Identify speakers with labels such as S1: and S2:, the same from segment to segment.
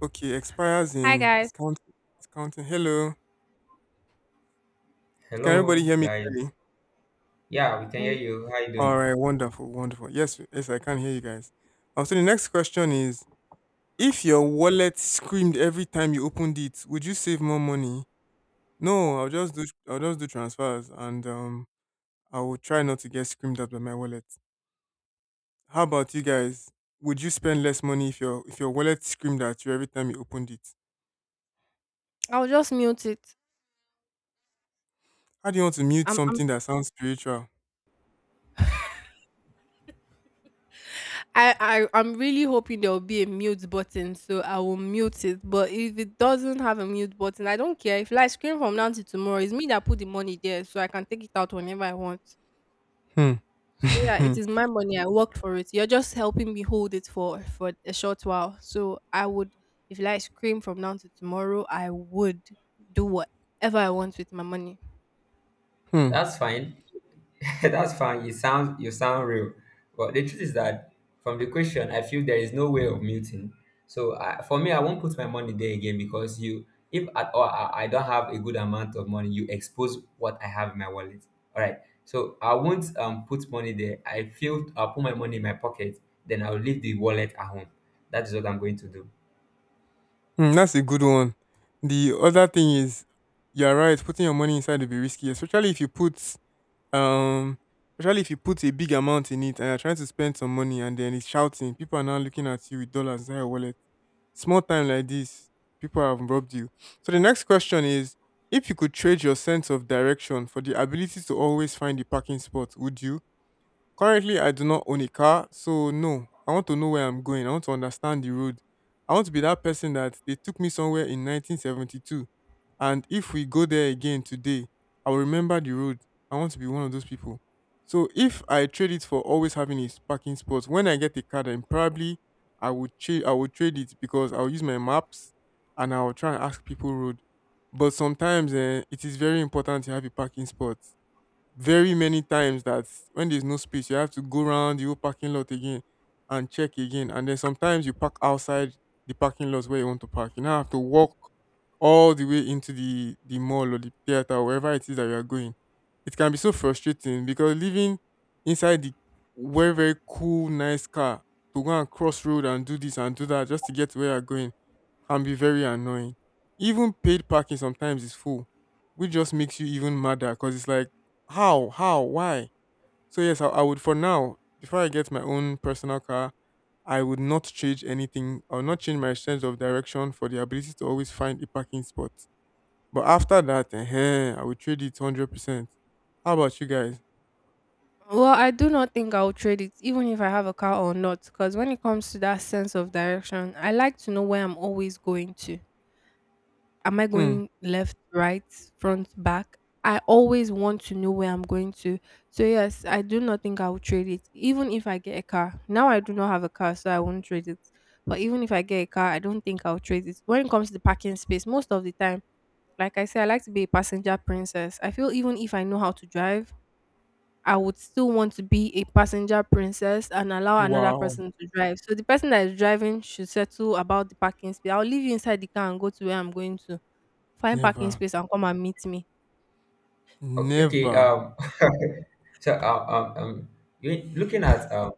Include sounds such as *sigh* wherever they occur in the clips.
S1: Okay, expires
S2: Hi
S1: in it's
S2: guys.
S1: counting. It's counting. Hello, can everybody
S3: Hello,
S1: hear me clearly?
S3: guys. Yeah, we can hear
S2: Hey,
S3: you. How you
S1: All
S3: doing?
S1: right, wonderful, wonderful. Yes, yes, I can hear you guys. So the next question is: if your wallet screamed every time you opened it, would you save more money? No, I'll just do transfers, and I will try not to get screamed at by my wallet. How about you guys? Would you spend less money if your wallet screamed at you every time you opened it?
S2: I'll just mute it.
S1: How do you want to mute
S2: I'm, I'm,
S1: something that sounds spiritual?
S2: I, I'm really hoping there will be a mute button, so I will mute it. But if it doesn't have a mute button, I don't care. If like scream from now to tomorrow, it's me that put the money there, so I can take it out whenever I want.
S1: Hmm.
S2: So yeah, it
S1: *laughs*
S2: is my money. I worked for it. You're just helping me hold it for a short while. So I would, if like scream from now to tomorrow, I would do whatever I want with my money.
S1: Hmm.
S3: That's fine. *laughs* That's fine. You sound real. But the truth is that from the question, I feel there is no way of muting. So for me, I won't put my money there again. Because if at all I don't have a good amount of money, you expose what I have in my wallet. All right. So I won't put money there. I feel I'll put my money in my pocket. Then I'll leave the wallet at home. That is what I'm going to do.
S1: Mm, that's a good one. The other thing is, you're right. Putting your money inside will be risky, especially if you put um, especially if you put a big amount in it and you're trying to spend some money and then it's shouting. People are now looking at you with dollars inside your wallet. Small time like this, people have robbed you. So the next question is, if you could trade your sense of direction for the ability to always find the parking spot, would you? Currently, I do not own a car, so no, I want to know where I'm going. I want to understand the road. I want to be that person that they took me somewhere in 1972. And if we go there again today, I will remember the road. I want to be one of those people. So if I trade it for always having a parking spot, when I get a car, then probably I would trade. I would trade it because I'll use my maps and I'll try and ask people road. But sometimes eh, it is very important to have a parking spot very many times that when there's no space, you have to go around the whole parking lot again and check again. And then sometimes you park outside the parking lot where you want to park. You now have to walk all the way into the mall or the theater or wherever it is that you are going. It can be so frustrating because living inside the very, very cool, nice car to go and cross road and do this and do that just to get to where you're going can be very annoying. Even paid parking sometimes is full, which just makes you even madder because it's like, how, why? So, yes, I would for now, before I get my own personal car, I would not change anything. I would not change my sense of direction for the ability to always find a parking spot. But after that, eh, I would trade it 100%. How about you guys?
S2: Well, I do not think I'll trade it, even if I have a car or not, because when it comes to that sense of direction, I like to know where I'm always going to. Am I
S1: Hmm.
S2: going left, right, front, back? I always want to know where I'm going to. So, yes, I do not think I'll trade it, even if I get a car. Now, I do not have a car, so I won't trade it. But even if I get a car, I don't think I'll trade it. When it comes to the parking space, most of the time, like I say, I like to be a passenger princess. I feel even if I know how to drive, I would still want to be a passenger princess and allow another
S1: Wow.
S2: person to drive. So the person that is driving should settle about the parking space. I'll leave you inside the car and go to where I'm going to. Find parking
S1: Never.
S2: space and come and meet me.
S3: Okay. okay,
S1: Never.
S3: Um. *laughs* So you looking at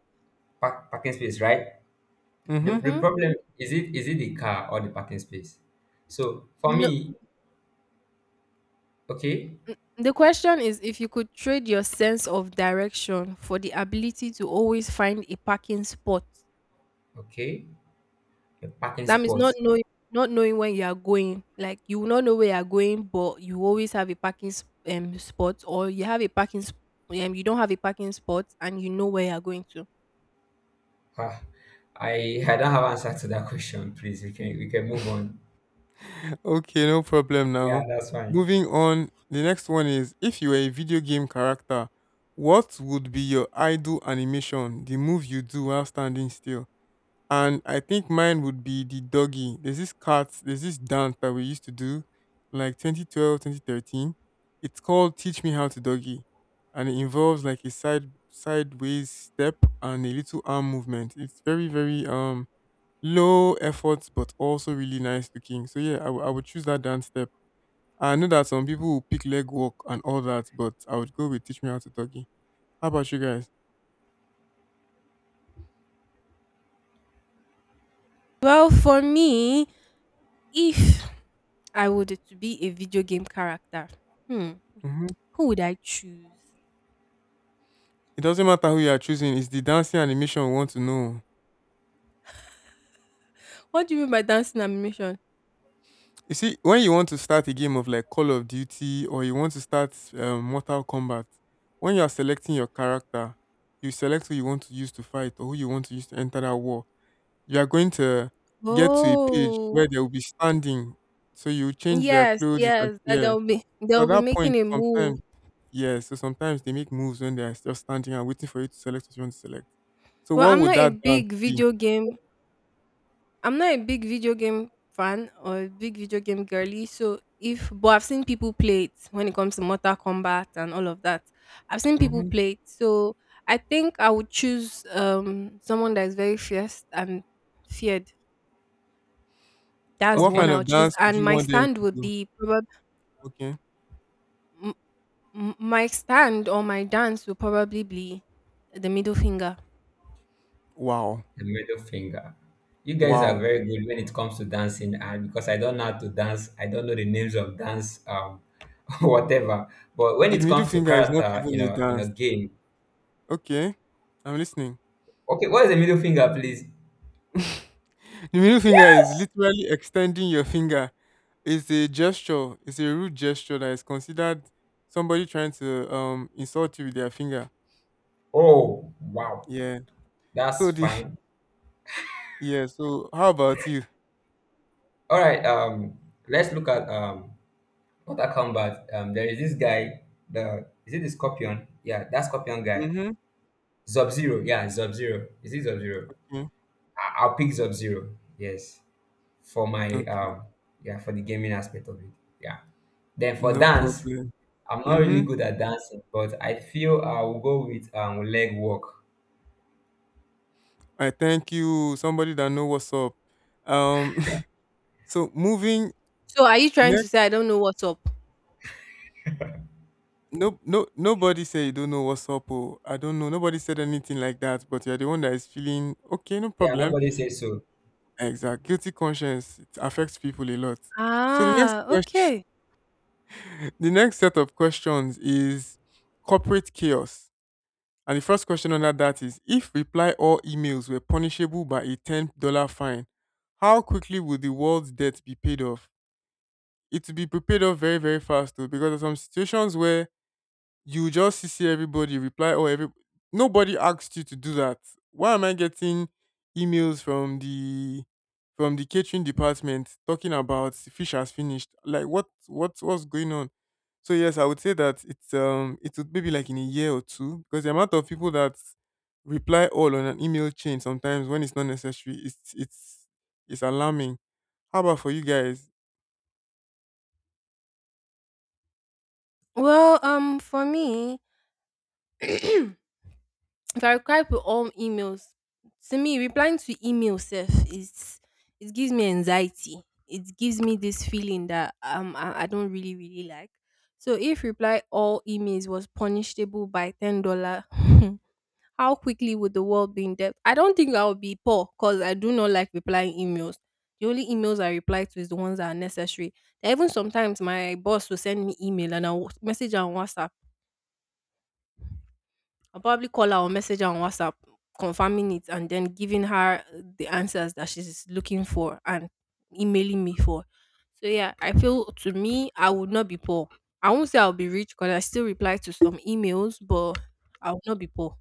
S3: parking space, right?
S1: Mm
S3: The,
S1: hmm.
S3: the
S2: Mm-hmm.
S3: problem is, it is it the car or the parking space? So for
S2: No,
S3: me, okay,
S2: the question is if you could trade your sense of direction for the ability to always find a parking spot.
S3: okay, the parking
S2: That means not
S3: spots.
S2: knowing not knowing when you are going. Like you will not know where you are going, but you always have a parking spot, or you have a parking you don't have a parking spot, and you know where you are going to.
S3: Ah, I don't have answer to that *laughs* question. Please, we can move on.
S1: Okay, no problem
S3: Yeah,
S1: now.
S3: that's fine.
S1: Moving on, the next one is if you were a video game character, what would be your idol animation, the move you do while standing still? And I think mine would be the doggy. There's this cat, there's this dance that we used to do like 2012, 2013. It's called Teach Me How to Doggy. And it involves like a sideways step and a little arm movement. It's very, very low effort but also really nice looking. So yeah, I would choose that dance step. I know that some people will pick leg walk and all that, but I would go with Teach Me How to Doggy. How about you guys?
S2: Well, for me, if I would to be a video game character, hmm,
S1: Hmm.
S2: who would I choose?
S1: It doesn't matter who you are choosing; it's the dancing animation we want to know.
S2: What do you mean by dancing animation?
S1: You see, when you want to start a game of like Call of Duty or you want to start Mortal Kombat, when you are selecting your character, you select who you want to use to fight or who you want to use to enter that war. You are going to get to a page
S2: Oh,
S1: where they will be standing. So you change their
S2: yes,
S1: clothes. You can,
S2: yes, that
S1: yeah.
S2: they'll be
S1: So
S2: they'll
S1: at
S2: be
S1: that
S2: making
S1: point,
S2: a move.
S1: sometimes, yeah. So sometimes they make moves when they are still standing and waiting for you to select what you want to select. So
S2: Well,
S1: what would that dance be?
S2: I'm not a big video game fan or a big video game girly, so if but I've seen people play it when it comes to Mortal Kombat and all of that. I've seen people
S1: Hmm.
S2: play it, so I think I would choose someone that is very fierce and feared. That's the
S1: What
S2: one
S1: kind
S3: Okay,
S2: I
S1: of
S2: would choose,
S1: dance would
S2: and
S1: you
S2: my
S1: want them
S2: stand
S1: to
S2: would
S1: do?
S2: be probably
S1: Okay.
S2: m- my stand or my dance will probably be the middle finger.
S1: Wow.
S3: the middle finger. You guys are
S1: Wow.
S3: very good when it comes to dancing, and because I don't know how to dance, I don't know the names of dance. *laughs* Whatever. But when
S1: The
S3: it
S1: middle
S3: comes to
S1: finger is not
S3: character, you
S1: even a
S3: know, in a
S1: dance.
S3: game,
S1: Okay. I'm listening.
S3: okay, what is the middle finger, please?
S1: *laughs* The middle finger is literally extending your finger. It's a gesture. It's a rude gesture that is considered somebody trying to insult you with their finger.
S3: Oh, wow.
S1: Yeah.
S3: That's
S1: So the *laughs*
S3: fine.
S1: yeah. So how about you?
S3: All right. Let's look at what I come there is this guy. The, is it the Scorpion? Yeah, that Scorpion guy.
S1: Mm-hmm.
S3: Sub Zero. Yeah, Sub Zero. Is it Sub Zero?
S1: Okay.
S3: I'll pick Sub Zero. Yes, for my
S1: Okay.
S3: yeah, for the gaming aspect of it. Yeah. Then for
S1: No
S3: dance,
S1: problem.
S3: I'm not really
S1: Mm-hmm.
S3: good at dancing, but I feel I will go with leg work.
S1: I thank you. Somebody that know what's up. Um. *laughs* So moving
S2: So are you trying to
S1: next.
S2: say I don't know what's up?
S1: No, no, nobody say you don't know what's up. Or I don't know. Nobody said anything like that. But you're the one that is feeling okay. No
S3: Yeah,
S1: problem.
S3: nobody says so.
S1: Exact. Guilty conscience. It affects people a lot. So the next
S2: Ah,
S1: question.
S2: okay.
S1: The next set of questions is corporate chaos. And the first question under that is if reply all emails were punishable by a $10 fine, how quickly would the world's debt be paid off? It will be paid off very, very fast though, because there are some situations where you just see everybody reply or every nobody asked you to do that. Why am I getting emails from the catering department talking about fish has finished? Like what what's going on? So yes, I would say that it would maybe like in a year or two because the amount of people that reply all on an email chain sometimes when it's not necessary it's it's alarming. How about for you guys?
S2: Well, for me, *clears throat* if I reply to all emails, to me replying to email self is it gives me anxiety. It gives me this feeling that I don't really like. So if reply all emails was punishable by $10, *laughs* how quickly would the world be in debt? I don't think I would be poor because I do not like replying emails. The only emails I reply to is the ones that are necessary. Even sometimes my boss will send me email and I'll message her on WhatsApp. I'll probably call her or message her on WhatsApp, confirming it, and then giving her the answers that she's looking for and emailing me for. So yeah, I feel to me I would not be poor. I won't say I'll be rich because I still reply to some emails, but I will not be poor.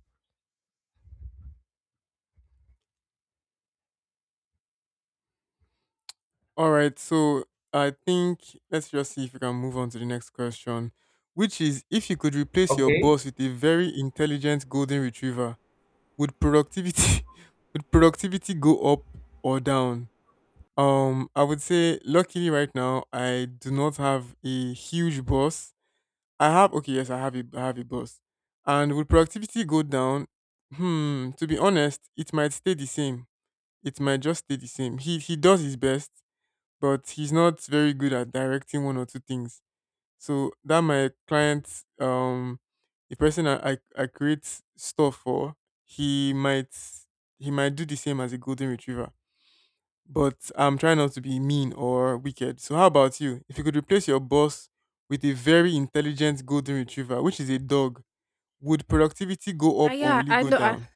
S1: All right, so I think let's just see if we can move on to the next question, which is if you could replace your
S3: Okay,
S1: boss with a very intelligent golden retriever, would productivity *laughs* would productivity go up or down? I would say luckily right now I do not have a huge boss. I have okay, yes, I have a boss. And would productivity go down? Hmm, to be honest, it might stay the same. It might just stay the same. He does his best but he's not very good at directing one or two things. So that my client, um, the person I create stuff for, he might he might do the same as a golden retriever. But I'm trying not to be mean or wicked. So how about you? If you could replace your boss with a very intelligent golden retriever, which is a dog, would productivity go
S2: Uh,
S1: up or
S2: yeah,
S1: will it
S2: I
S1: go
S2: know. I,
S1: down?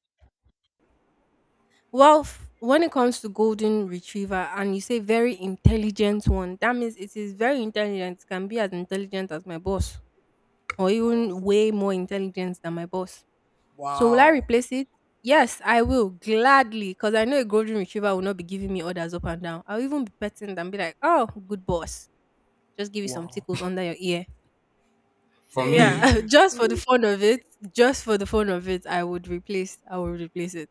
S2: well, when it comes to golden retriever, and you say very intelligent one, that means it is very intelligent. It can be as intelligent as my boss, or even way more intelligent than my boss.
S1: Wow.
S2: So will I
S1: Wow.
S2: replace it? Yes, I will gladly because I know a golden retriever will not be giving me orders up and down. I'll even be petting them, be like, "Oh, good boss, just give you some
S1: Wow.
S2: tickles under your ear." So
S3: for
S2: yeah,
S3: me,
S2: *laughs*
S1: *laughs*
S2: just for the fun of it, just for the fun of it, I would replace. I would replace it.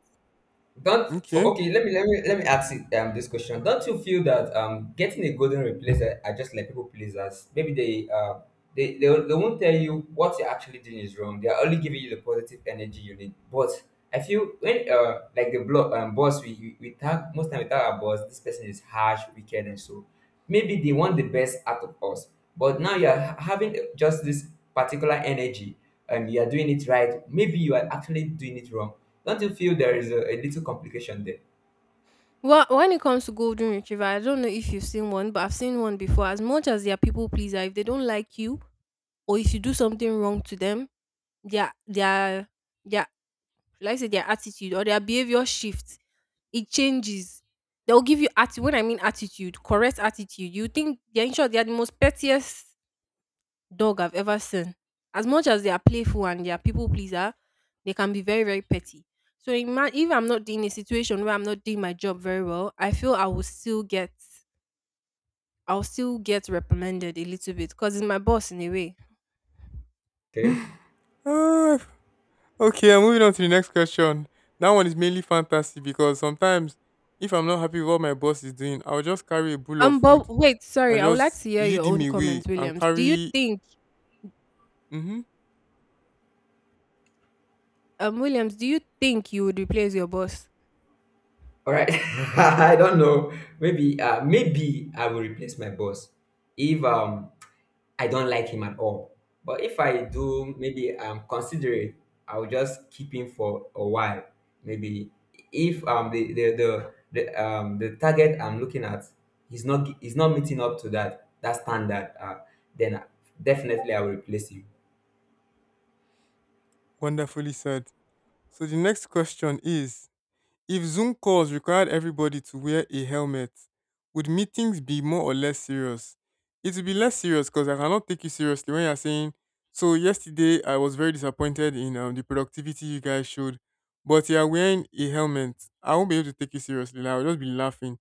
S3: Don't for
S1: Okay.
S3: okay. Let me ask this question. Don't you feel that getting a golden replacer are just like people pleasers? Maybe they won't tell you what you're actually doing is wrong. They are only giving you the positive energy you need. But I feel when like the blog boss we tag our boss. This person is harsh, wicked, and so maybe they want the best out of us, but now you are having just this particular energy and you are doing it right. Maybe you are actually doing it wrong. Don't you feel there is a little complication there?
S2: Well, when it comes to golden retriever, I don't know if you've seen one, but I've seen one before. As much as they are people pleaser, if they don't like you or if you do something wrong to them, their their their like I say, their attitude or their behavior shifts. It changes. They'll give you attitude. When I mean attitude, correct attitude. You think they're in short, they are the most pettiest dog I've ever seen. As much as they are playful and they are people pleaser, they can be very, very petty. So if I'm not in a situation where I'm not doing my job very well, I feel I'll still get reprimanded a little bit because it's my boss in a way.
S1: *sighs*
S3: Okay,
S1: *laughs* Ah, okay, I'm moving on to the next question. That one is mainly fantasy because sometimes if I'm not happy with what my boss is doing, I'll just carry a bowl of
S2: But
S1: food
S2: wait,
S1: and
S2: sorry, I would like
S1: just
S2: to hear your
S1: lead him
S2: own
S1: away
S2: comments,
S1: and
S2: Williams.
S1: carry. Mm-hmm,
S2: Williams, do you think you would replace your boss?
S3: all right. *laughs* I don't know. Maybe I will replace my boss if I don't like him at all. But if I do, maybe considerate, I'll just keep him for a while. Maybe if the target I'm looking at is not meeting up to that standard, then definitely I'll replace him.
S1: wonderfully said. So the next question is if Zoom calls required everybody to wear a helmet, would meetings be more or less serious? It would be less serious because I cannot take you seriously when you're saying, so yesterday I was very disappointed in the productivity you guys showed, but you're wearing a helmet. I won't be able to take you seriously. Like, I'll just be laughing.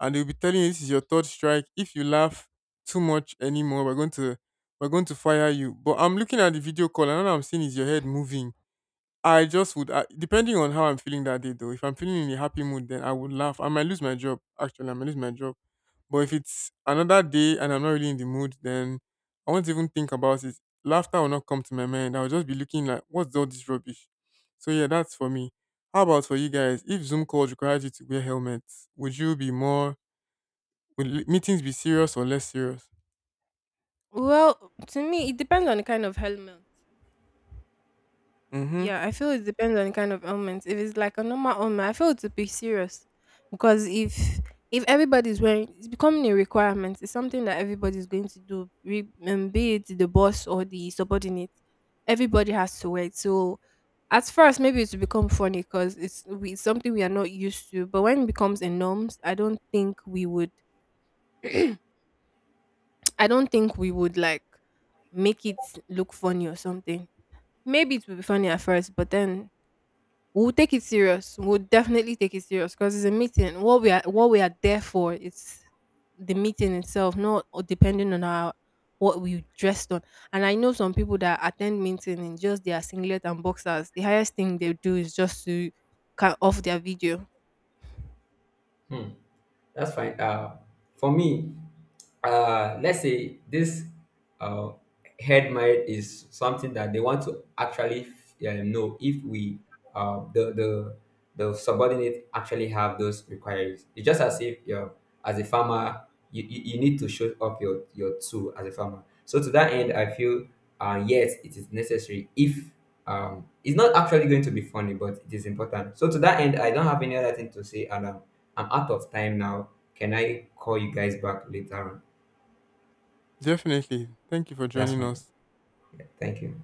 S1: And they'll be telling you this is your third strike. If you laugh too much anymore, we're going to fire you. But I'm looking at the video call and all I'm seeing is your head moving. I just would, depending on how I'm feeling that day, though. If I'm feeling in a happy mood, then I would laugh. I might lose my job. Actually, I might lose my job. But if it's another day and I'm not really in the mood, then I won't even think about it. Laughter will not come to my mind. I'll just be looking like, what's all this rubbish? So yeah, that's for me. How about for you guys? If Zoom calls required you to wear helmets, would you be more? Would meetings be serious or less serious?
S2: Well, to me, it depends on the kind of helmet.
S1: Mm-hmm.
S2: Yeah, I feel it depends on the kind of helmet. If it's like a normal helmet, I feel it to be serious because if everybody's wearing, it's becoming a requirement. It's something that everybody's going to do, be it the boss or the subordinate. Everybody has to wear it. So at first, maybe it's become funny because it's something we are not used to. But when it becomes a norms, I don't think we would. *clears throat* I don't think we would like make it look funny or something. Maybe it will be funny at first, but then we'll take it serious. We'll definitely take it serious because it's a meeting. What we are there for is the meeting itself, not depending on our what we dressed on. And I know some people that attend meeting in just their singlet and boxers. The highest thing they do is just to cut off their video.
S3: Hmm. That's fine. For me, let's say this uh, head marriage is something that they want to actually know if we, the the subordinate actually have those requirements. It's just as if you, as a farmer, you need to show up your tool as a farmer. So to that end, I feel yes, it is necessary. If it's not actually going to be funny, but it is important. So to that end, I don't have any other thing to say, and I'm out of time now. Can I call you guys back later on?
S1: Definitely. Thank you for
S3: That's
S1: joining
S3: fine.
S1: us.
S3: Thank you.